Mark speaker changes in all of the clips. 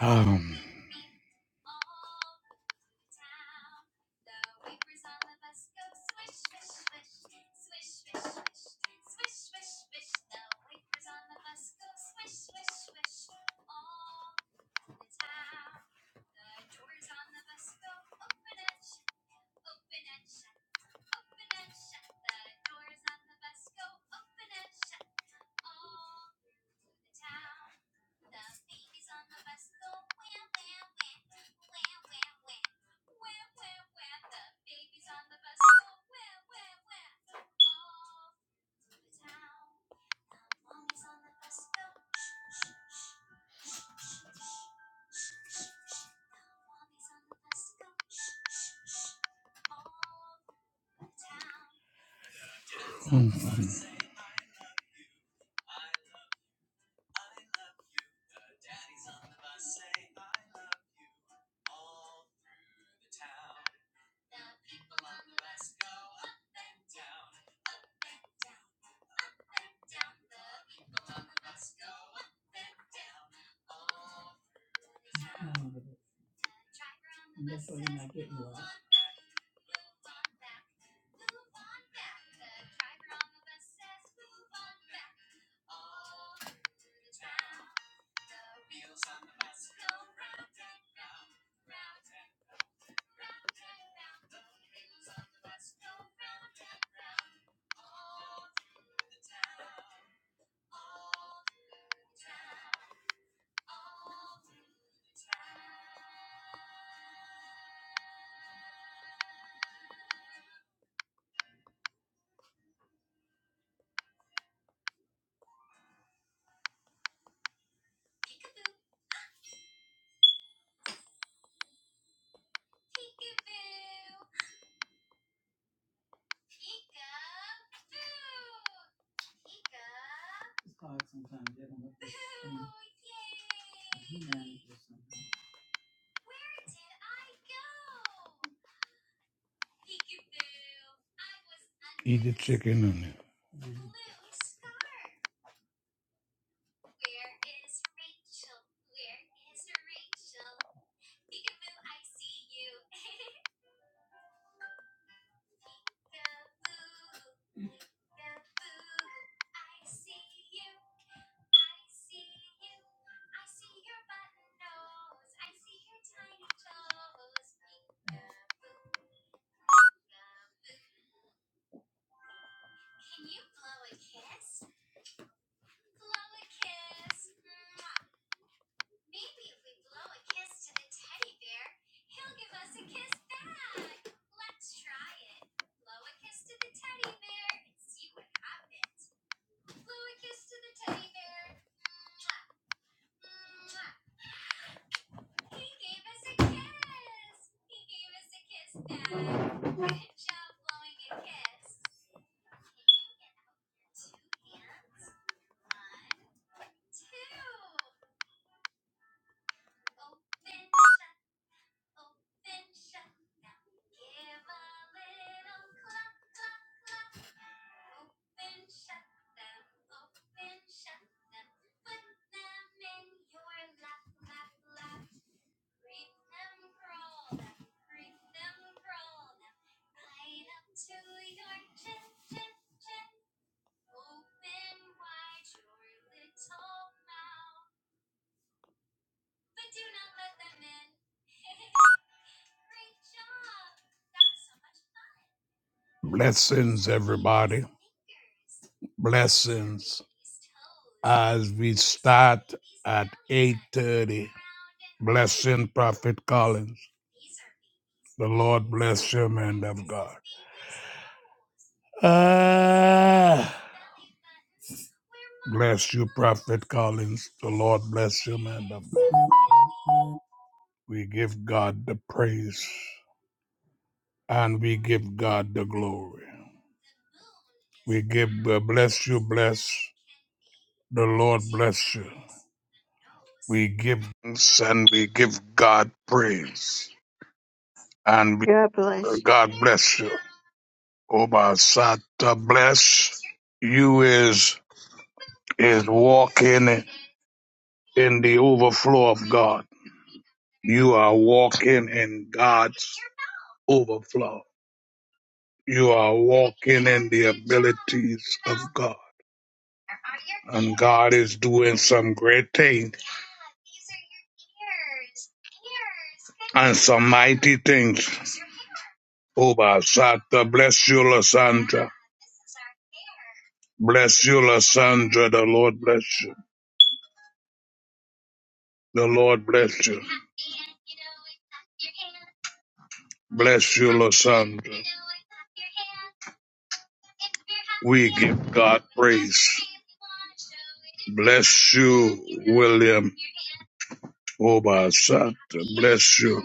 Speaker 1: Um, mm, eat the chicken and blessings, everybody. Blessings as we start at 8.30. Blessing Prophet Collins. The Lord bless you, man of God. Ah, bless you, Prophet Collins. The Lord bless you, man of God. We give God the praise. and we give God the glory. We give, uh, bless you, bless the Lord, bless you. We give thanks and we give God praise. And we,
Speaker 2: God
Speaker 1: uh,
Speaker 2: bless you.
Speaker 1: God bless you. Obasata bless you is is walking in the overflow of God. You are walking in God's overflow. You are walking in the abilities of God. and God is doing some great things and some mighty things. Oba Sata, bless you, Lysandra. Bless you, Lysandra. The Lord bless you. The Lord bless you. Bless you, Lysandra. We give God praise. Bless you, William. Oba Sata, bless you.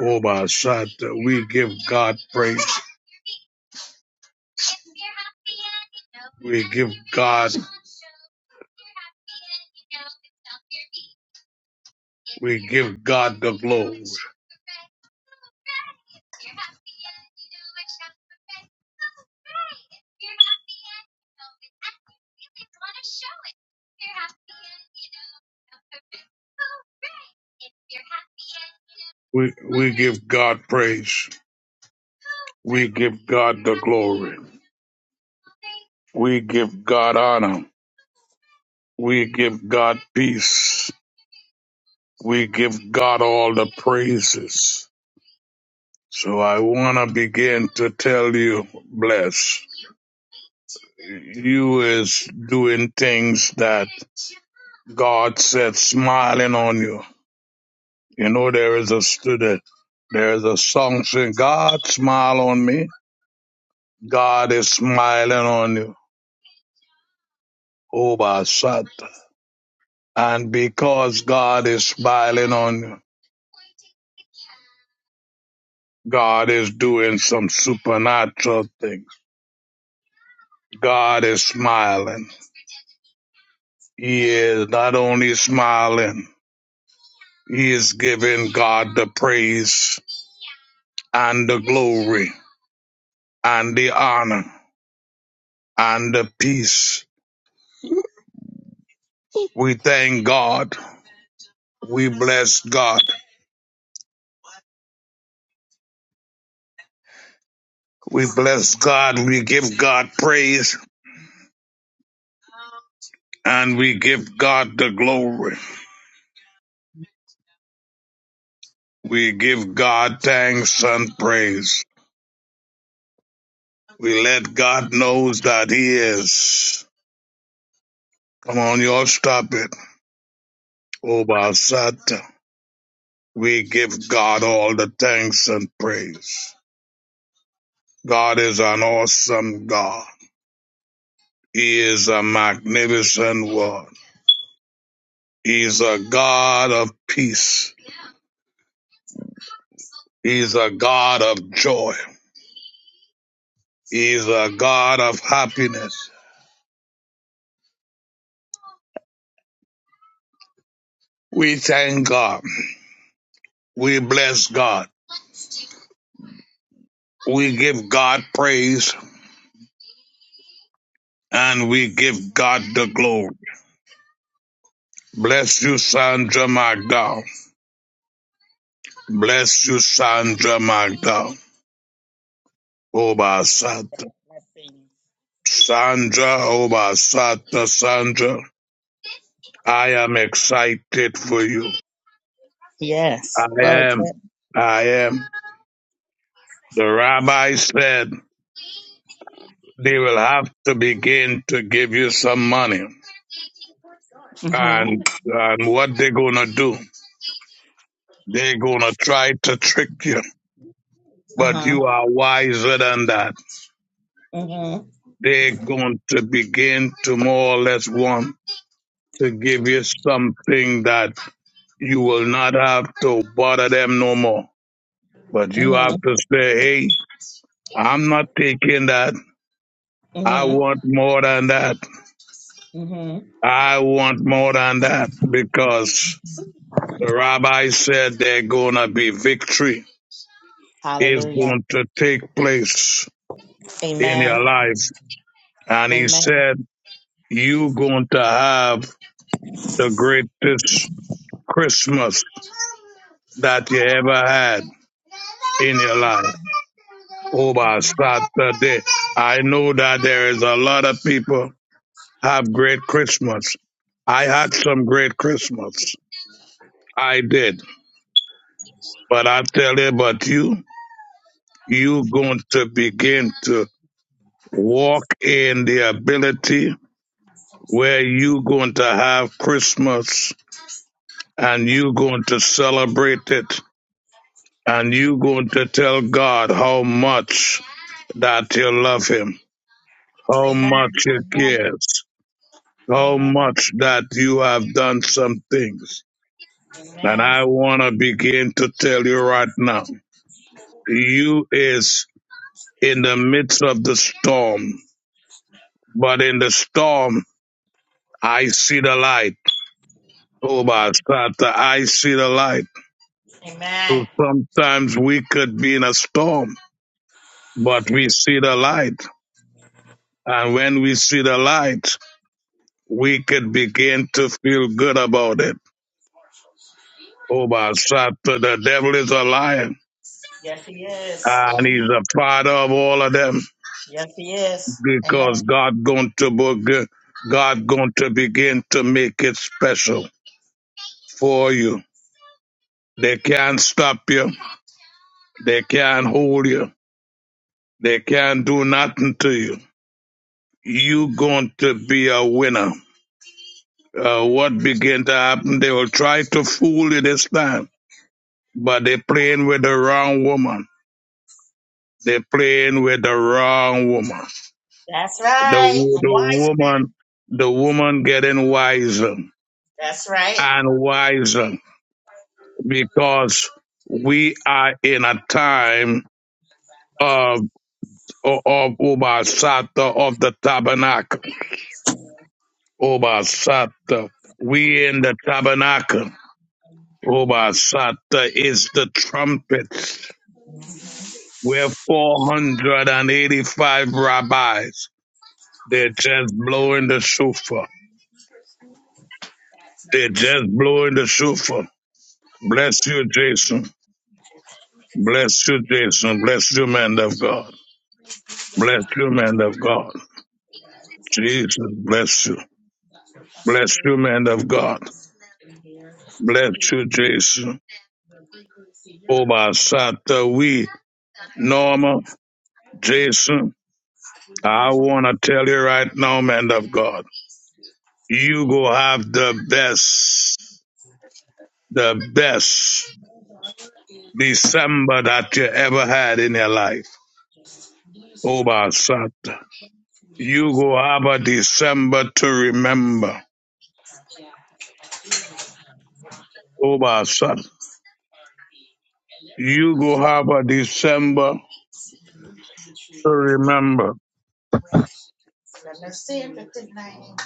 Speaker 1: Oba Sata, we give God praise. We give God, we give God the glory. We, we give God praise. We give God the glory. We give God honor. We give God peace. We give God all the praises. So I want to begin to tell you, bless. You is doing things that God said smiling on you. You know, there is a student, there is a song saying, God smile on me. God is smiling on you. Oh, my son. And because God is smiling on you, God is doing some supernatural things. God is smiling. He is not only smiling, he is giving God the praise and the glory and the honor and the peace. We thank God. We bless God. We bless God. We give God praise and we give God the glory. We give God thanks and praise. We let God knows that He is. Come on, y'all, stop it. Obasata. We give God all the thanks and praise. God is an awesome God. He is a magnificent one. He's a God of peace. He's a God of joy. He's a God of happiness. We thank God. We bless God. We give God praise and we give God the glory. Bless you, Sandra McDowell. Bless you, Sandra McDowell. Obasata. Sandra, Obasata, Sandra. I am excited for you.
Speaker 3: Yes.
Speaker 1: I
Speaker 3: But
Speaker 1: am. I am. The rabbi said they will have to begin to give you some money.
Speaker 3: mm-hmm.
Speaker 1: And, and what they're going to do, they're going to try to trick you. But
Speaker 3: Uh-huh.
Speaker 1: you are wiser than that.
Speaker 3: Mm-hmm.
Speaker 1: They're going to begin to more or less want to give you something that you will not have to bother them no more. But you
Speaker 3: Mm-hmm.
Speaker 1: have to say, hey, I'm not taking that. I
Speaker 3: Mm-hmm.
Speaker 1: want more than that.
Speaker 3: Mm-hmm.
Speaker 1: I want more than that because the rabbi said they're going to be victory is
Speaker 3: Hallelujah.
Speaker 1: going to take place in your
Speaker 3: Amen.
Speaker 1: life. And he
Speaker 3: Amen.
Speaker 1: said, you going to have the greatest Christmas that you ever had in your life. Oh, my Saturday. I know that there is a lot of people have great Christmas. I had some great Christmas. I did. But I tell you, but you, you going to begin to walk in the ability where you going to have Christmas and you going to celebrate it and you going to tell God how much that you love him how
Speaker 3: Amen.
Speaker 1: much he
Speaker 3: Amen.
Speaker 1: cares, how
Speaker 3: Amen.
Speaker 1: much that you have done some things. And
Speaker 3: Amen.
Speaker 1: I want to begin to tell you right now, you is in the midst of the storm, but in the storm, I see the light. Oh,
Speaker 3: Amen.
Speaker 1: my Santa, I see the light.
Speaker 3: Amen.
Speaker 1: So sometimes we could be in a storm, but we see the light. And when we see the light, we could begin to feel good about it Oh, my son, the devil is a liar.
Speaker 3: Yes, he is.
Speaker 1: And he's
Speaker 3: Amen.
Speaker 1: a father of all of them
Speaker 3: Yes, he is. Amen.
Speaker 1: because God going to beg- God going to begin to make it special for you. They can't stop you. They can't hold you. They can't do nothing to you. You going to be a winner. Uh, what begin to happen? They will try to fool you this time, but they playing with the wrong woman. They playing with the wrong woman.
Speaker 3: That's
Speaker 1: The,
Speaker 3: right.
Speaker 1: wo-
Speaker 3: The
Speaker 1: the
Speaker 3: wise man.
Speaker 1: woman, the woman getting wiser
Speaker 3: That's right.
Speaker 1: and wiser because we are in a time of, of Obasata of the tabernacle. Obasata. We in the tabernacle. Obasata is the trumpet. We're 485 rabbis. They're just blowing the shofar. They're just blowing the shofar. Bless you, Jason. Bless you, Jason. Bless you, man of God. Bless you, man of God. Jesus, bless you. Bless you, man of God. Bless you, Jason. Obasata, we, Norma, Jason. I want to tell you right now, man of God, you go have the best, the best December that you ever had in your life. Obasata. You go have a December to remember. Obasata. You go have a December to remember.
Speaker 3: Let me see if it's in the name.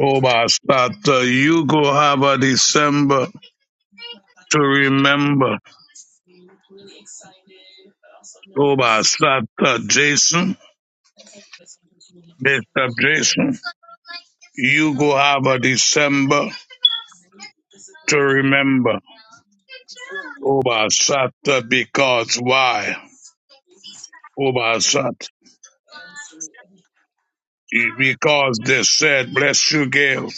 Speaker 1: Oh, Basata, you go have a December to remember. Oh, Basata, Jason, Mister Jason, you go have a December to remember. Oh, Basata, because why? Oh, Basata, because they said, bless you, Gail,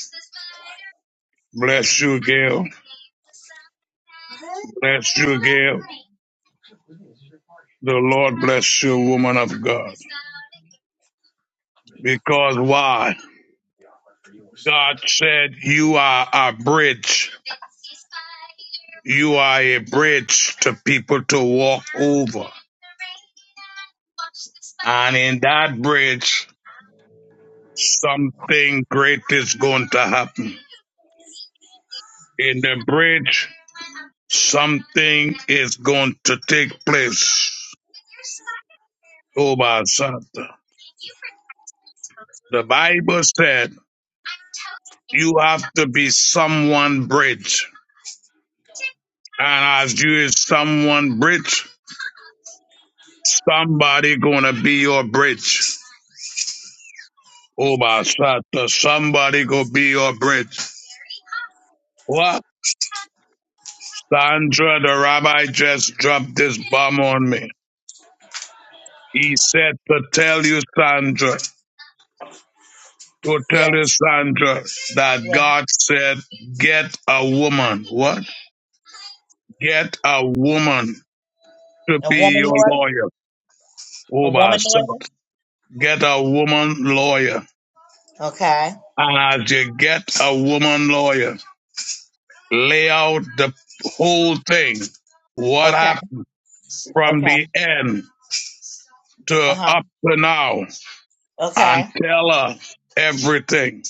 Speaker 1: bless you, Gail, bless you, Gail. The Lord bless you, woman of God. Because why? God said, You are a bridge. You are a bridge to people to walk over. And in that bridge, something great is going to happen. In the bridge, something is going to take place. Oh, my Santa. The Bible said you have to be someone bridge. And as you is someone bridge, somebody gonna be your bridge. Oh, my Santa, somebody go be your bridge. What? Sandra, the rabbi just dropped this bomb on me. He said to tell you, Sandra, to tell
Speaker 3: Yes.
Speaker 1: you, Sandra, that
Speaker 3: Yes.
Speaker 1: God said, get a woman. What? Get a woman to
Speaker 3: A
Speaker 1: be
Speaker 3: woman
Speaker 1: your
Speaker 3: lawyer.
Speaker 1: lawyer.
Speaker 3: A
Speaker 1: Oh, my
Speaker 3: woman
Speaker 1: Santa,
Speaker 3: lawyer.
Speaker 1: get a woman lawyer.
Speaker 3: Okay.
Speaker 1: And as you get a woman lawyer, lay out the whole thing. What
Speaker 3: Okay.
Speaker 1: happened from
Speaker 3: Okay.
Speaker 1: the end?
Speaker 3: Uh
Speaker 1: to
Speaker 3: huh.
Speaker 1: up to now and
Speaker 3: Okay.
Speaker 1: tell her everything.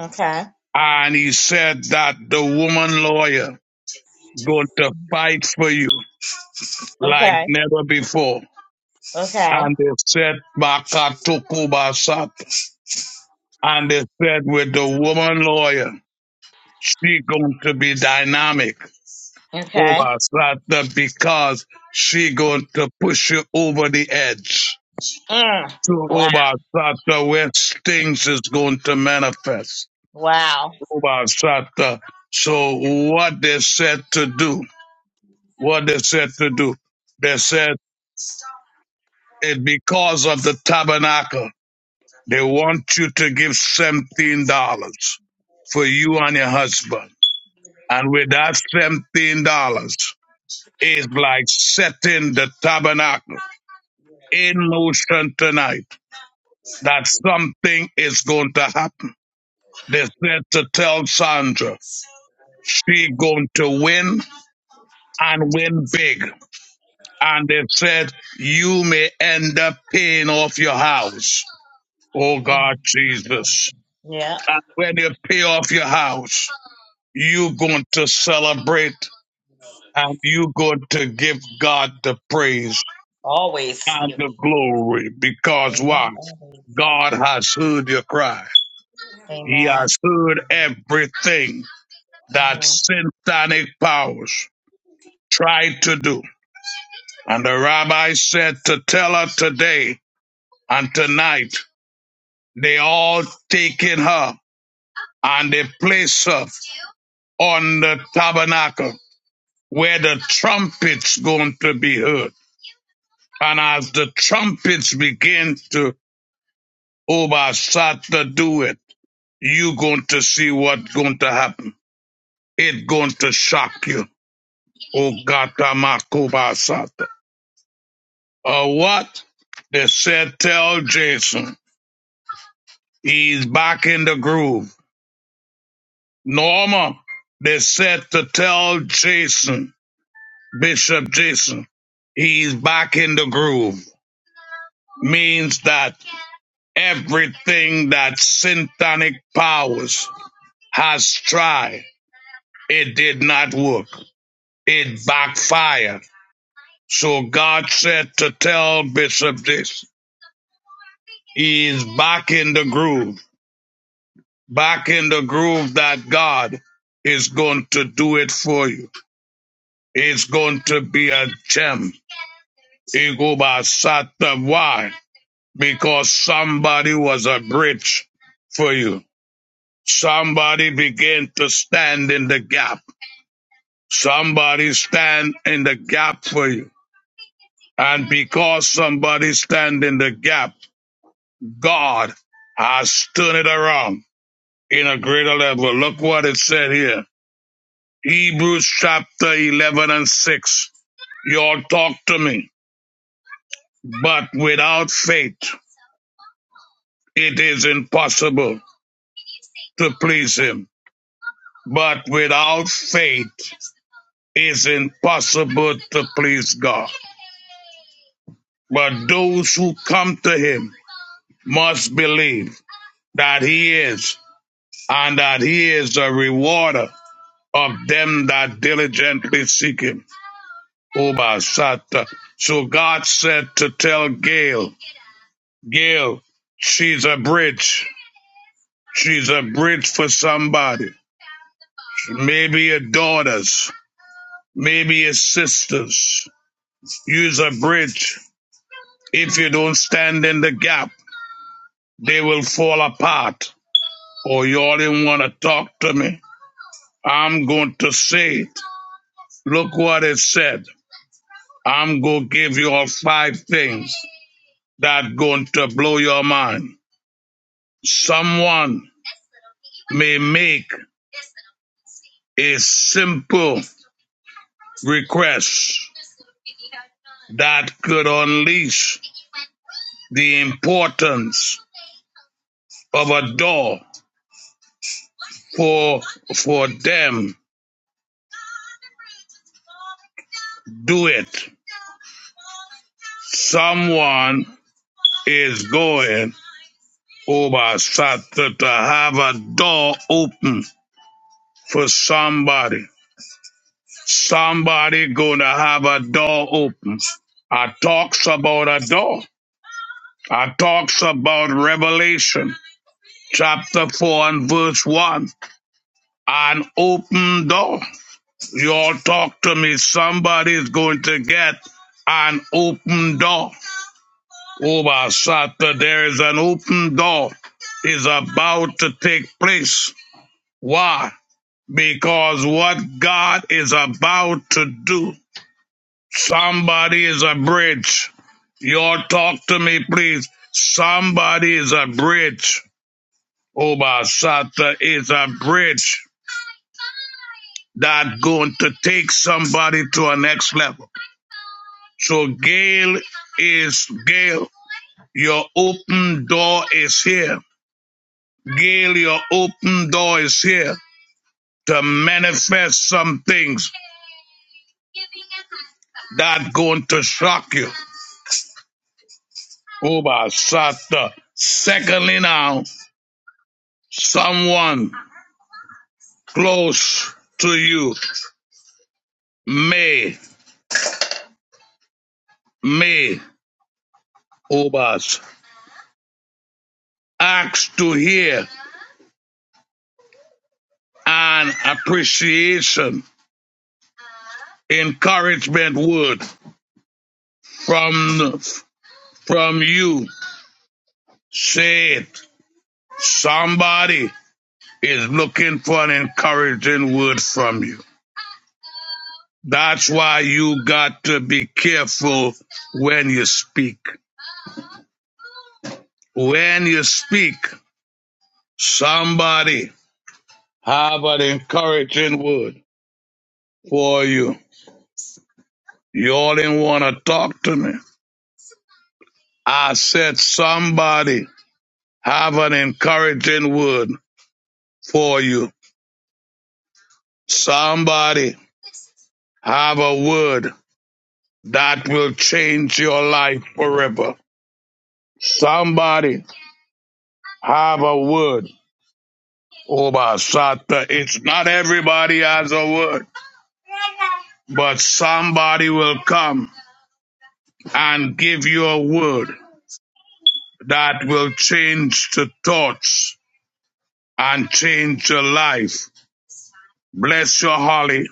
Speaker 3: Okay.
Speaker 1: And he said that the woman lawyer going to fight for you like
Speaker 3: Okay.
Speaker 1: never before.
Speaker 3: Okay.
Speaker 1: And they said Bakatukuba And they said with the woman lawyer, she going to be dynamic
Speaker 3: Okay.
Speaker 1: over Sata because she going to push you over the edge.
Speaker 3: Mm.
Speaker 1: So
Speaker 3: Wow.
Speaker 1: over Sata where things is going to manifest.
Speaker 3: Wow.
Speaker 1: Obasata. So what they said to do, what they said to do, they said it because of the tabernacle, they want you to give seventeen dollars for you and your husband. And with that seventeen dollars is like setting the tabernacle in motion tonight that something is going to happen. They said to tell Sandra she going to win and win big. and they've said you may end up paying off your house. Oh God,
Speaker 3: Mm.
Speaker 1: Jesus.
Speaker 3: Yeah.
Speaker 1: And when you pay off your house, you're going to celebrate and you're going to give God the praise
Speaker 3: Always.
Speaker 1: and
Speaker 3: Amen.
Speaker 1: the glory because why?
Speaker 3: Always.
Speaker 1: God has heard your cry. He
Speaker 3: Amen.
Speaker 1: has heard everything that
Speaker 3: mm-hmm.
Speaker 1: satanic powers tried to do. And the rabbi said to tell her today and tonight They all taken her and they place her on the tabernacle where the trumpets going to be heard. And as the trumpets begin to over start to do it, you going to see what's going to happen. It going to shock you. Oh Gata Uh, what? They said tell Jason he's back in the groove. Norma, they said to tell Jason Bishop Jason. He's back in the groove. Means that everything that syntonic powers has tried, it did not work. It backfired. So God said to tell Bishop Jason, he is back in the groove, back in the groove that God is going to do it for you. It's going to be a gem. Ego Why? because somebody was a bridge for you. Somebody began to stand in the gap. Somebody stand in the gap for you. And because somebody stand in the gap, God has turned it around in a greater level. Look what it said here. Hebrews chapter 11 and 6. Y'all talk to me. But without faith, it is impossible to please him. But without faith is impossible to please God. But those who come to him must believe that he is and that he is a rewarder of them that diligently seek him. Obasata. So God said to tell Gail, Gail, she's a bridge. She's a bridge for somebody. Maybe your daughters, maybe your sisters. Use a bridge If you don't stand in the gap, they will fall apart. Or y'all didn't want to talk to me. I'm going to say it. Look what it said. I'm going to give you all five things that going to blow your mind. Someone may make a simple request that could unleash the importance of a door for for them do it Someone is going over Saturday to have a door open for somebody. Somebody gonna have a door open. I talks about a door. I talks about Revelation chapter 4 and verse 1. An open door. You all talk to me. Somebody's going to get an open door. Uba Sata, there is an open door is about to take place. Why? Because what God is about to do, somebody is a bridge. Y'all talk to me, please. Somebody is a bridge. Uba Sata is a bridge that going to take somebody to a next level. So Gail is Gail. Your open door is here Gail, your open door is here to manifest some things that going to shock you. Oh my Sata. Secondly, now someone close to you may may Obas ask to hear an appreciation, encouragement word from from you. Say it. Somebody is looking for an encouraging word from you. That's why you got to be careful when you speak. When you speak, somebody have an encouraging word for you. You all didn't want to talk to me. I said somebody have an encouraging word for you. Somebody have a word that will change your life forever. Somebody have a word Obasata. It's not everybody has a word, but somebody will come and give you a word that will change the thoughts and change your life. Bless your Holly.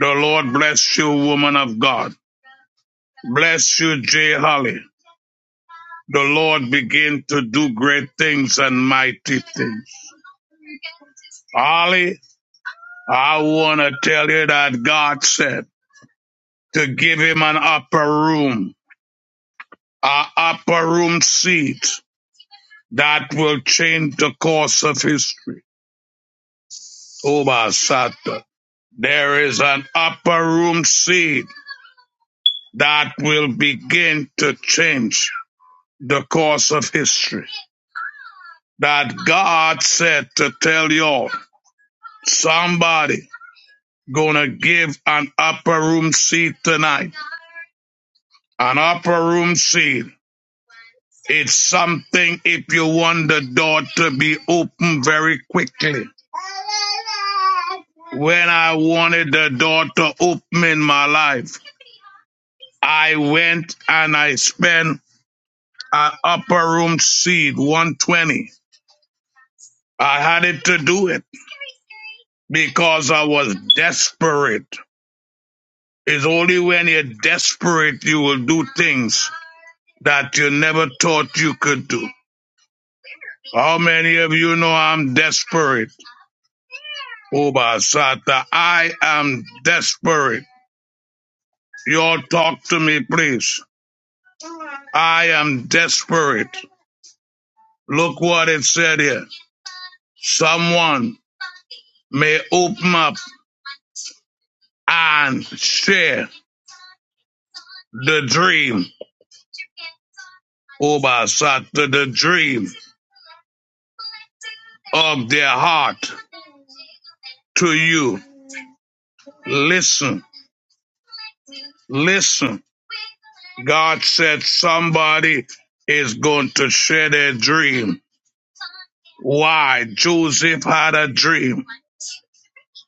Speaker 1: The Lord bless you, woman of God. Bless you, J. Holly. The Lord begin to do great things and mighty things. Holly, I want to tell you that God said to give him an upper room An upper room seat that will change the course of history. Oba Sata. There is an upper room seat that will begin to change the course of history. That God said to tell y'all, somebody gonna give an upper room seat tonight. An upper room seat. It's something if you want the door to be open very quickly when I wanted the door to open in my life, I went and I spent an upper room seat, 120. I had it to do it because I was desperate. It's only when you're desperate you will do things that you never thought you could do. How many of you know I'm desperate? Obasata, I am desperate. Y'all talk to me, please. I am desperate. Look what it said here. Someone may open up and share the dream. Obasata, the dream of their heart to you. Listen, listen. God said somebody is going to share their dream. Why? Joseph had a dream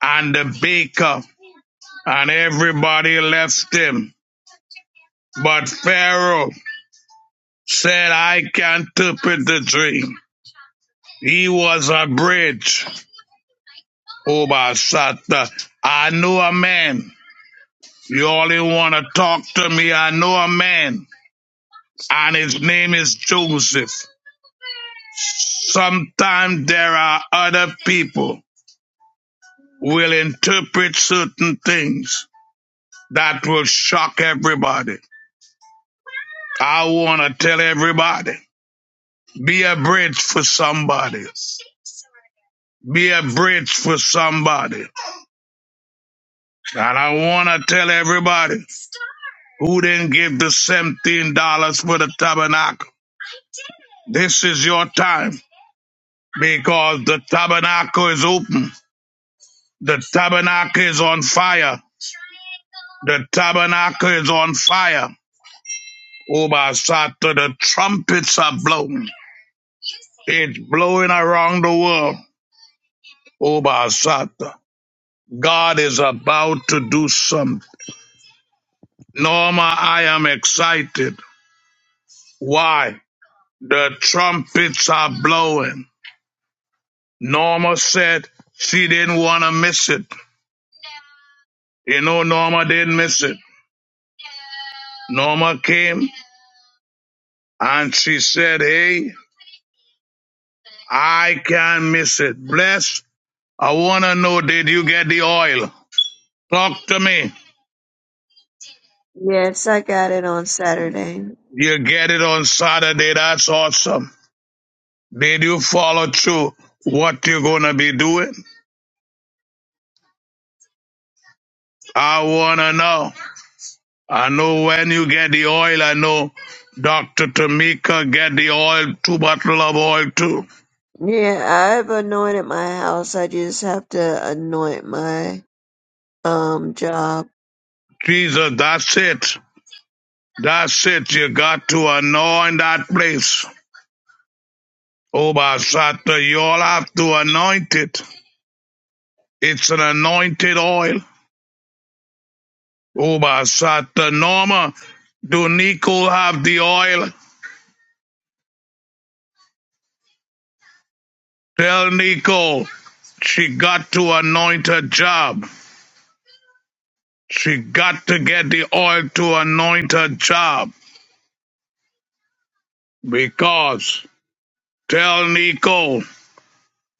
Speaker 1: and the baker and everybody left him. But Pharaoh said, I can't interpret the dream. He was a bridge over Satan. I know a man. You only want to talk to me. I know a man, and his name is Joseph. Sometimes there are other people will interpret certain things that will shock everybody. I want to tell everybody, be a bridge for somebody. Be a bridge for somebody. And I want to tell everybody who didn't give the $17 for the tabernacle, this is your time because the tabernacle is open. The tabernacle is on fire. The tabernacle is on fire. Obasata, the trumpets are blowing. It's blowing around the world. Obasata, God is about to do something. Norma, I am excited. Why? The trumpets are blowing. Norma said she didn't want to miss it. You know, Norma didn't miss it. Norma came and she said, Hey, I can't miss it. Bless, I want to know, did you get the oil? Talk to me.
Speaker 2: Yes, I got it on Saturday.
Speaker 1: You get it on Saturday. That's awesome. Did you follow through what you're going to be doing? I want to know. I know when you get the oil, I know Dr. Tamika get the oil, two bottle of oil too.
Speaker 2: Yeah, I've anointed my house. I just have to anoint my um job.
Speaker 1: Jesus, that's it. That's it. You got to anoint that place. Oh, Basata, you all have to anoint it. It's an anointed oil. Oh, Basata, Norma, do Nico have the oil? Tell Nico she got to anoint her job. She got to get the oil to anoint her job because tell Nico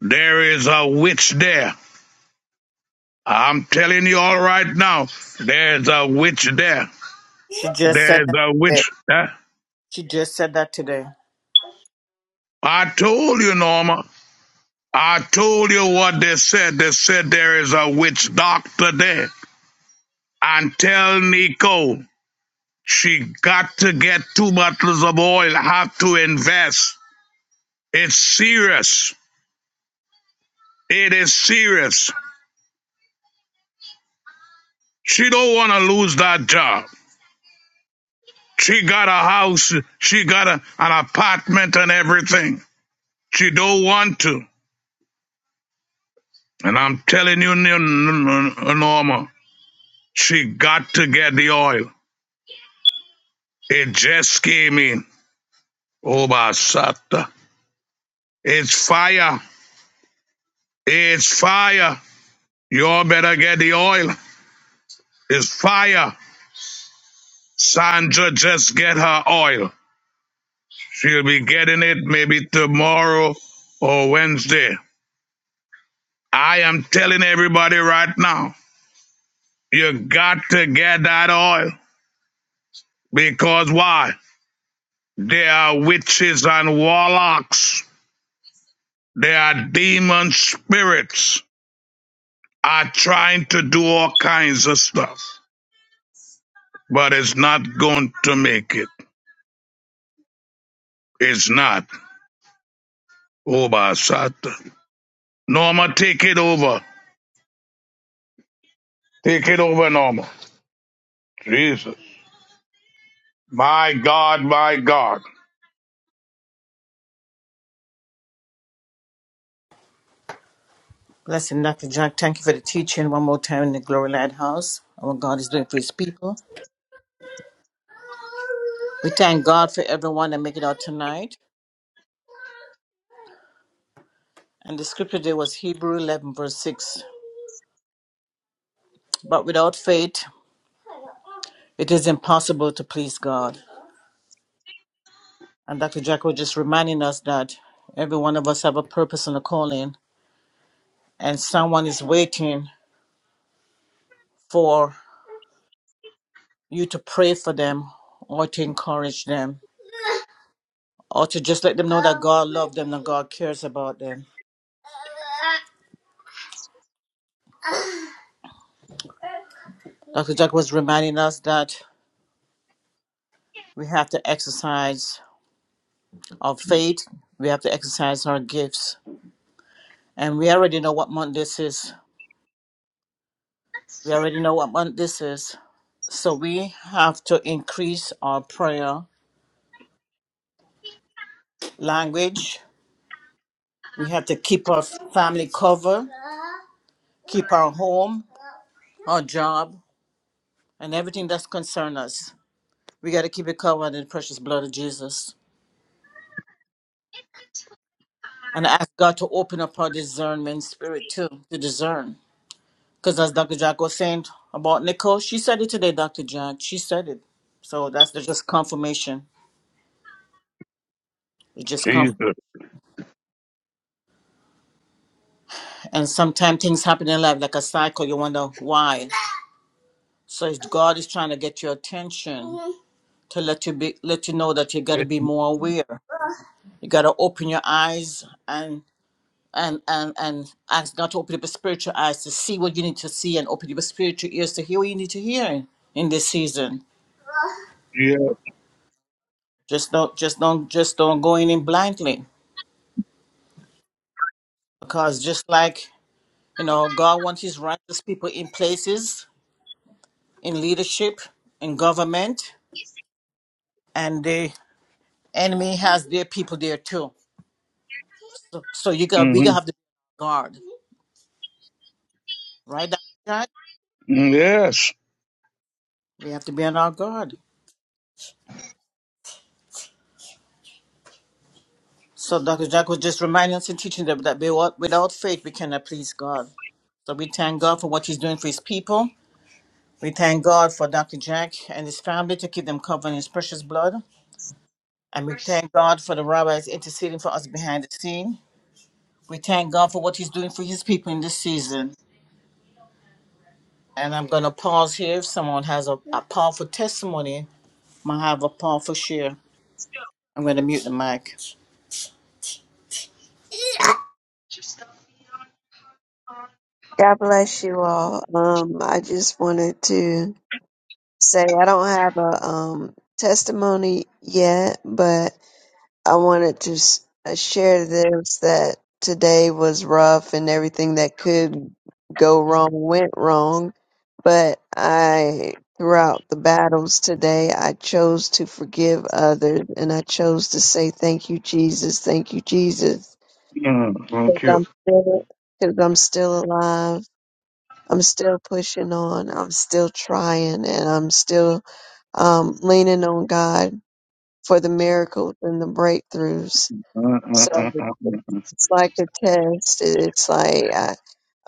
Speaker 1: there is a witch there I'm telling you all right now, there's a witch there.
Speaker 4: She just said
Speaker 1: There's
Speaker 4: that
Speaker 1: a
Speaker 4: today.
Speaker 1: witch there.
Speaker 4: She just said that today.
Speaker 1: I told you, Norma. I told you what they said. They said there is a witch doctor there. And tell Nico she got to get two bottles of oil, have to invest. It's serious. It is serious. She don't want to lose that job. She got a house, she got a, an apartment and everything. She don't want to. And I'm telling you, N- Norma, she got to get the oil. It just came in. Oh, Basata. It's fire. It's fire. You all better get the oil. It's fire. Sandra just get her oil. She'll be getting it maybe tomorrow or Wednesday. I am telling everybody right now, you got to get that oil. Because why? There are witches and warlocks There are demon spirits are trying to do all kinds of stuff, but it's not going to make it. It's not. Oba Sata. Norma, take it over. Take it over, Norma. Jesus. My God, my God.
Speaker 4: Blessing Dr. Jack. Thank you for the teaching one more time in the Glory Lighthouse. Our God is doing for his people. We thank God for everyone that make it out tonight. And the scripture today was Hebrew 11, verse 6. But without faith, it is impossible to please God. And Dr. Jack was just reminding us that every one of us have a purpose and a calling, and someone is waiting for you to pray for them or to encourage them Or to just let them know that God loves them and God cares about them. Dr. Jack was reminding us that we have to exercise our faith, we have to exercise our gifts. And we already know what month this is. We already know what month this is. So we have to increase our prayer language. We have to keep our family covered, keep our home, our job, and everything that's concerned us. We got to keep it covered in the precious blood of Jesus. And I ask God to open up her discernment spirit too, to discern. Because as Dr. Jack was saying about Nicole, she said it today, Dr. Jack. She said it. So that's the just confirmation. It just come
Speaker 1: Jesus.
Speaker 4: and sometimes things happen in life like a cycle, you wonder why. So it's God is trying to get your attention to let you be let you know that you
Speaker 1: Yeah.
Speaker 4: gotta be more aware. You gotta open your eyes and. and and and ask God to open up your spiritual eyes to see what you need to see and open up your spiritual ears to hear what you need to hear in, in this season.
Speaker 1: mhm,
Speaker 4: Just don't just don't just don't go in in blindly. Because just like, you know, God wants his righteous people in places, in leadership, in government, and the enemy has their people there too. So, so you got we gotta
Speaker 1: mm
Speaker 4: have to be on our guard. Right, Dr. Jack?
Speaker 1: Yes.
Speaker 4: We have to be on our guard. So Dr. Jack was just reminding us and teaching them that without without faith we cannot please God. So we thank God for what He's doing for His people. We thank God for Dr. Jack and his family to keep them covered in His precious blood. And we thank God for the rabbis interceding for us behind the scene. We thank God for what He's doing for His people in this season. And I'm going to pause here. If someone has a, a powerful testimony, might have a powerful share. I'm going to mute the mic.
Speaker 2: God bless you all. Um, I just wanted to say I don't have a um testimony yet, but I wanted to s- uh, share this that today was rough and everything that could go wrong went wrong. But I, throughout the battles today, I chose to forgive others and I chose to say, Thank you, Jesus. Thank you, Jesus.
Speaker 1: Mm,
Speaker 2: Because
Speaker 1: thank you.
Speaker 2: I'm still, cause I'm still alive. I'm still pushing on. I'm still trying and I'm still um, leaning on God for the miracles and the breakthroughs
Speaker 1: Mm, mm,
Speaker 2: so
Speaker 1: mm, mm, mm,
Speaker 2: it's like a test. It's like I,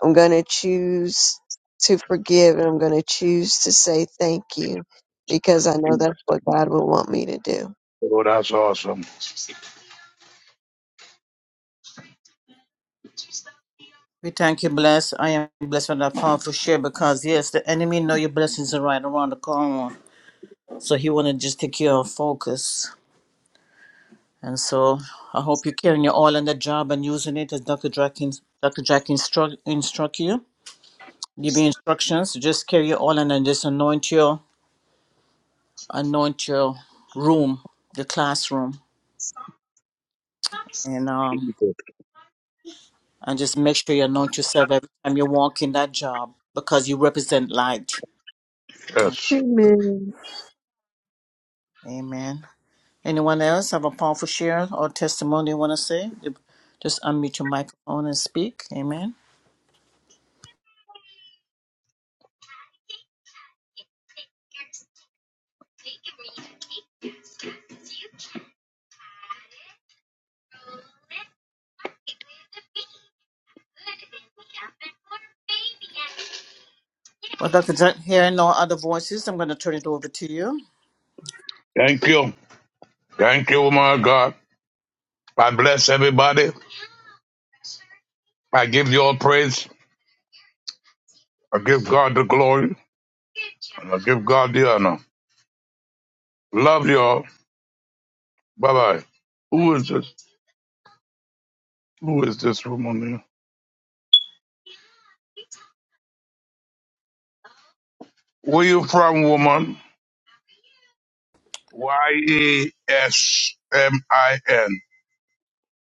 Speaker 2: I'm going to choose to forgive and I'm going to choose to say thank you because I know
Speaker 1: mm.
Speaker 2: that's what God will want me to do.
Speaker 1: Oh, that's awesome.
Speaker 4: We thank you, bless. I am blessed with that powerful share because yes, the enemy know your blessings are right around the corner, so he want to just take your focus. And so I hope you're carrying your oil on the job and using it as Dr. Jack, ins- Dr. Jack instruct, instruct you. Give you instructions. Just carry your oil and then just anoint your anoint your room, your classroom, and um and just make sure you anoint yourself every time you walk in that job because you represent light.
Speaker 1: Yes.
Speaker 2: Amen.
Speaker 4: Amen. Anyone else have a powerful share or testimony you want to say? You- Just unmute your microphone and speak. Amen. Well, Dr. Jack, hearing no other voices, I'm going to turn it over to you.
Speaker 1: Thank you. Thank you, my God. I bless everybody. I give you all praise. I give God the glory. And I give God the honor. Love y'all. Bye bye. Who is this? Who is this woman here? Where you from, woman? Y E S M I N.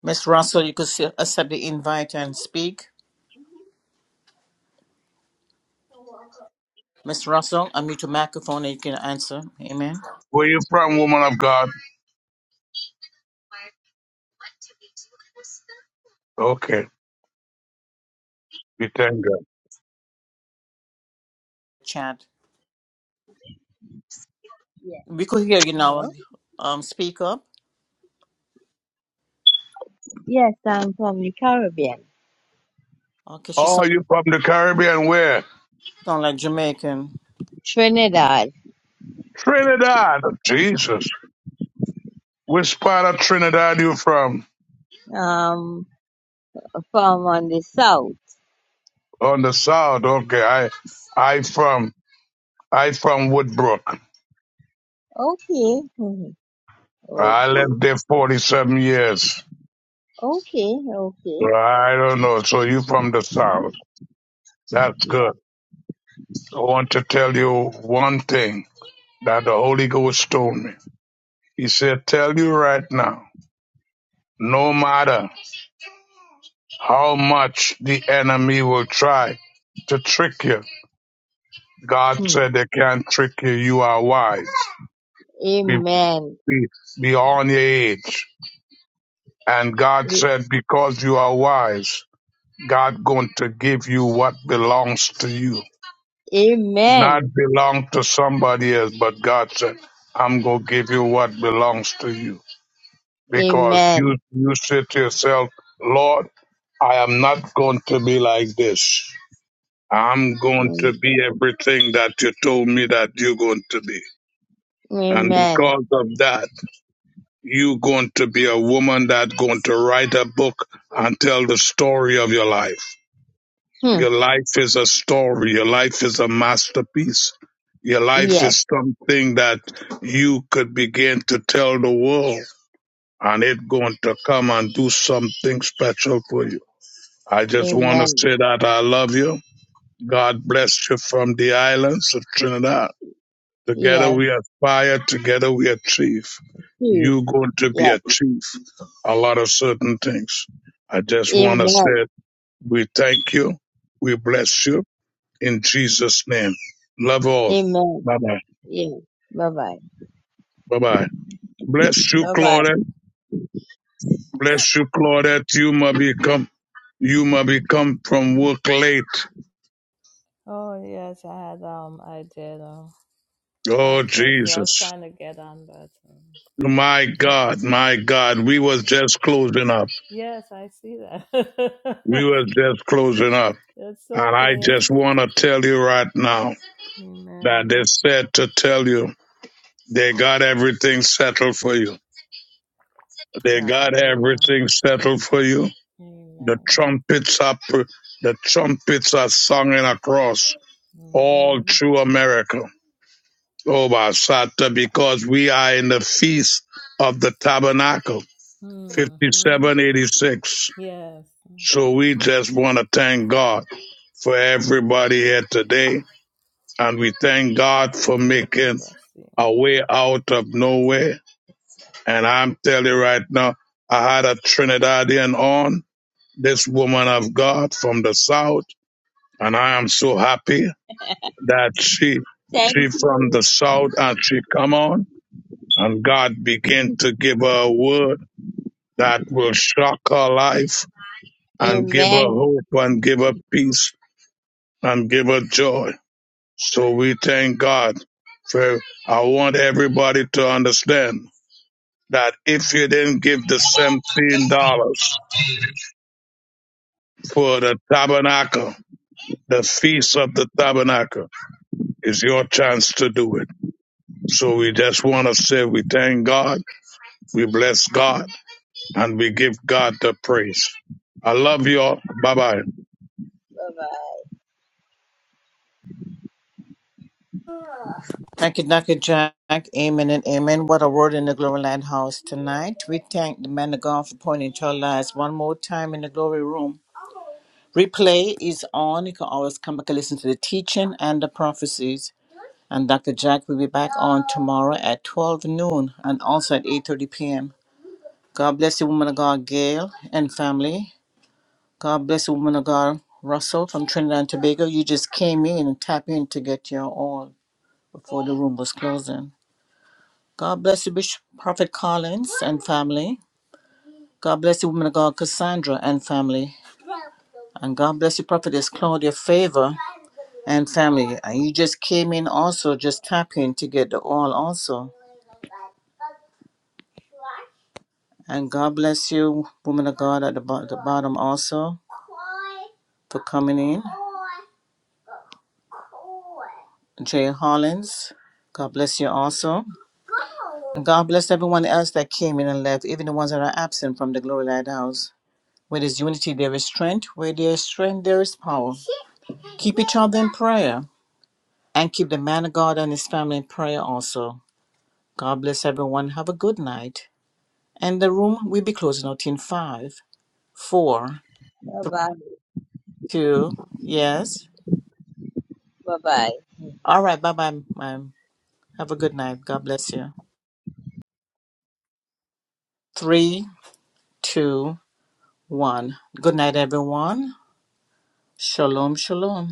Speaker 4: Miss Russell, you could still accept the invite and speak. Miss Russell, unmute your microphone and you can answer. Amen.
Speaker 1: Where you from, woman of God? Okay. We thank God.
Speaker 4: Chad,
Speaker 5: Yes,
Speaker 4: We could hear you
Speaker 5: hello.
Speaker 4: now. Um, speak up.
Speaker 5: Yes, I'm from the Caribbean,
Speaker 4: Okay, she
Speaker 1: Oh,
Speaker 4: sound,
Speaker 1: you from the Caribbean? Where?
Speaker 4: sound like Jamaican.
Speaker 5: Trinidad.
Speaker 1: Trinidad. Jesus. Which part of Trinidad you from?
Speaker 5: Um, from on the south.
Speaker 1: On the south. Okay. I I from I from Woodbrook.
Speaker 5: Okay. Mhm.
Speaker 1: I lived
Speaker 5: Okay.
Speaker 1: there 47 years.
Speaker 5: Okay. Okay.
Speaker 1: So I don't know. So you from the South. That's good.
Speaker 5: Yeah.
Speaker 1: I want to tell you one thing that the Holy Ghost told me. He said, tell you right now, no matter how much the enemy will try to trick you, God
Speaker 5: Hmm.
Speaker 1: said they can't trick you. You are wise. Be,
Speaker 5: Amen.
Speaker 1: be, be on your age. And God
Speaker 5: A-
Speaker 1: said, because you are wise, God going to give you what belongs to you. not
Speaker 5: Amen.
Speaker 1: belong to somebody else, but God said, I'm going to give you what belongs to you. Because you,
Speaker 5: Amen.
Speaker 1: you said to yourself, Lord, I am not going to be like this. I'm going to
Speaker 5: Mm.
Speaker 1: be everything that you told me that you're going to be. And
Speaker 5: Amen.
Speaker 1: because of that, you're going to be a woman that's going to write a book and tell the story of your life.
Speaker 5: Hmm.
Speaker 1: Your life is a story. Your life is a masterpiece. Your life
Speaker 5: Yes.
Speaker 1: is something that you could begin to tell the world and it's going to come and do something special for you. I just want to
Speaker 5: Amen.
Speaker 1: say that I love you. God bless you from the islands of Trinidad. Together
Speaker 5: Yes.
Speaker 1: we aspire, together we achieve.
Speaker 5: Please.
Speaker 1: You going to be
Speaker 5: Yes.
Speaker 1: achieve a lot of certain things. I just want to
Speaker 5: Amen.
Speaker 1: say we thank you. We bless you in Jesus' name. Love all.
Speaker 5: Amen.
Speaker 1: Bye bye.
Speaker 5: Yes. Bye bye.
Speaker 1: Bye bye. Bless you,
Speaker 5: Bye bye.
Speaker 1: Claudette. Bless you, Claudette. You might become, you might become from work late.
Speaker 6: Oh yes, I had um I did um
Speaker 1: Oh,
Speaker 6: God bless you. I was
Speaker 1: Jesus.
Speaker 6: trying to get on but um, yeah,
Speaker 1: My God, my God.
Speaker 6: to
Speaker 1: We was
Speaker 6: God be
Speaker 1: just
Speaker 6: glory.
Speaker 1: closing up.
Speaker 6: Yes, I see
Speaker 1: We
Speaker 6: that.
Speaker 1: was just closing up.
Speaker 6: It's
Speaker 1: And I
Speaker 6: okay.
Speaker 1: just want to tell you right now that they
Speaker 6: Amen.
Speaker 1: said to tell you they got everything settled for you. They got
Speaker 6: Hallelujah.
Speaker 1: everything settled for you. The
Speaker 6: Amen.
Speaker 1: trumpets are pr- the trumpets are sung and across all
Speaker 6: Amen.
Speaker 1: through America. Oh, Basata, because we are in the feast of the tabernacle,
Speaker 6: hmm
Speaker 1: 5786.
Speaker 6: Yes.
Speaker 1: So we just want to thank God for everybody here today. And we thank God for making
Speaker 6: Bless you.
Speaker 1: a way out of nowhere. And I'm telling you right now, I had a Trinidadian on, this woman of God from the South. and I am so happy that she she
Speaker 5: Thank
Speaker 1: from the
Speaker 5: you.
Speaker 1: south and she come on and God begin to give her a word that will shock her life and give her
Speaker 5: Amen.
Speaker 1: hope and give her peace and give her joy. So we thank God for I want everybody to understand that if you didn't give the seventeen dollars for the tabernacle, the feast of the tabernacle is your chance to do it So we just want to say we thank God, we bless God, and we give God the praise. I love you all. Bye bye.
Speaker 5: Bye bye.
Speaker 4: Thank you, Dr. Jack. Amen and amen. What a word in the Glory Land House tonight. We thank the man of God for pointing to our lives one more time in the glory room. Replay is on. You can always come back and listen to the teaching and the prophecies. And Dr. Jack will be back on tomorrow at 12 noon and also at 8.30 p.m. God bless the woman of God, Gail, and family. God bless the woman of God, Russell from Trinidad and Tobago. You just came in and tapped in to get your oil before the room was closing. God bless the Bishop Prophet Collins and family. God bless the woman of God, Cassandra and family. And God bless the prophetess Claudia Favor and family. And you just came in also, just tapping to get the oil, also. And God bless you, woman of God at the, bo- the bottom also, for coming in. Jay Hollins, God bless you also. And God bless everyone else that came in and left, even the ones that are absent from the Glory Lighthouse. Where there's unity, there is strength. Where there is strength, there is power. Keep each other in prayer and keep the man of God and his family in prayer also. God bless everyone. Have a good night. And the room will be closing out in five, four,
Speaker 5: Bye
Speaker 4: three,
Speaker 5: bye.
Speaker 4: two, yes.
Speaker 5: Bye bye.
Speaker 4: All right, bye bye, ma'am. Have a good night. God bless you. Three, two, one. Good night, everyone. Shalom, shalom.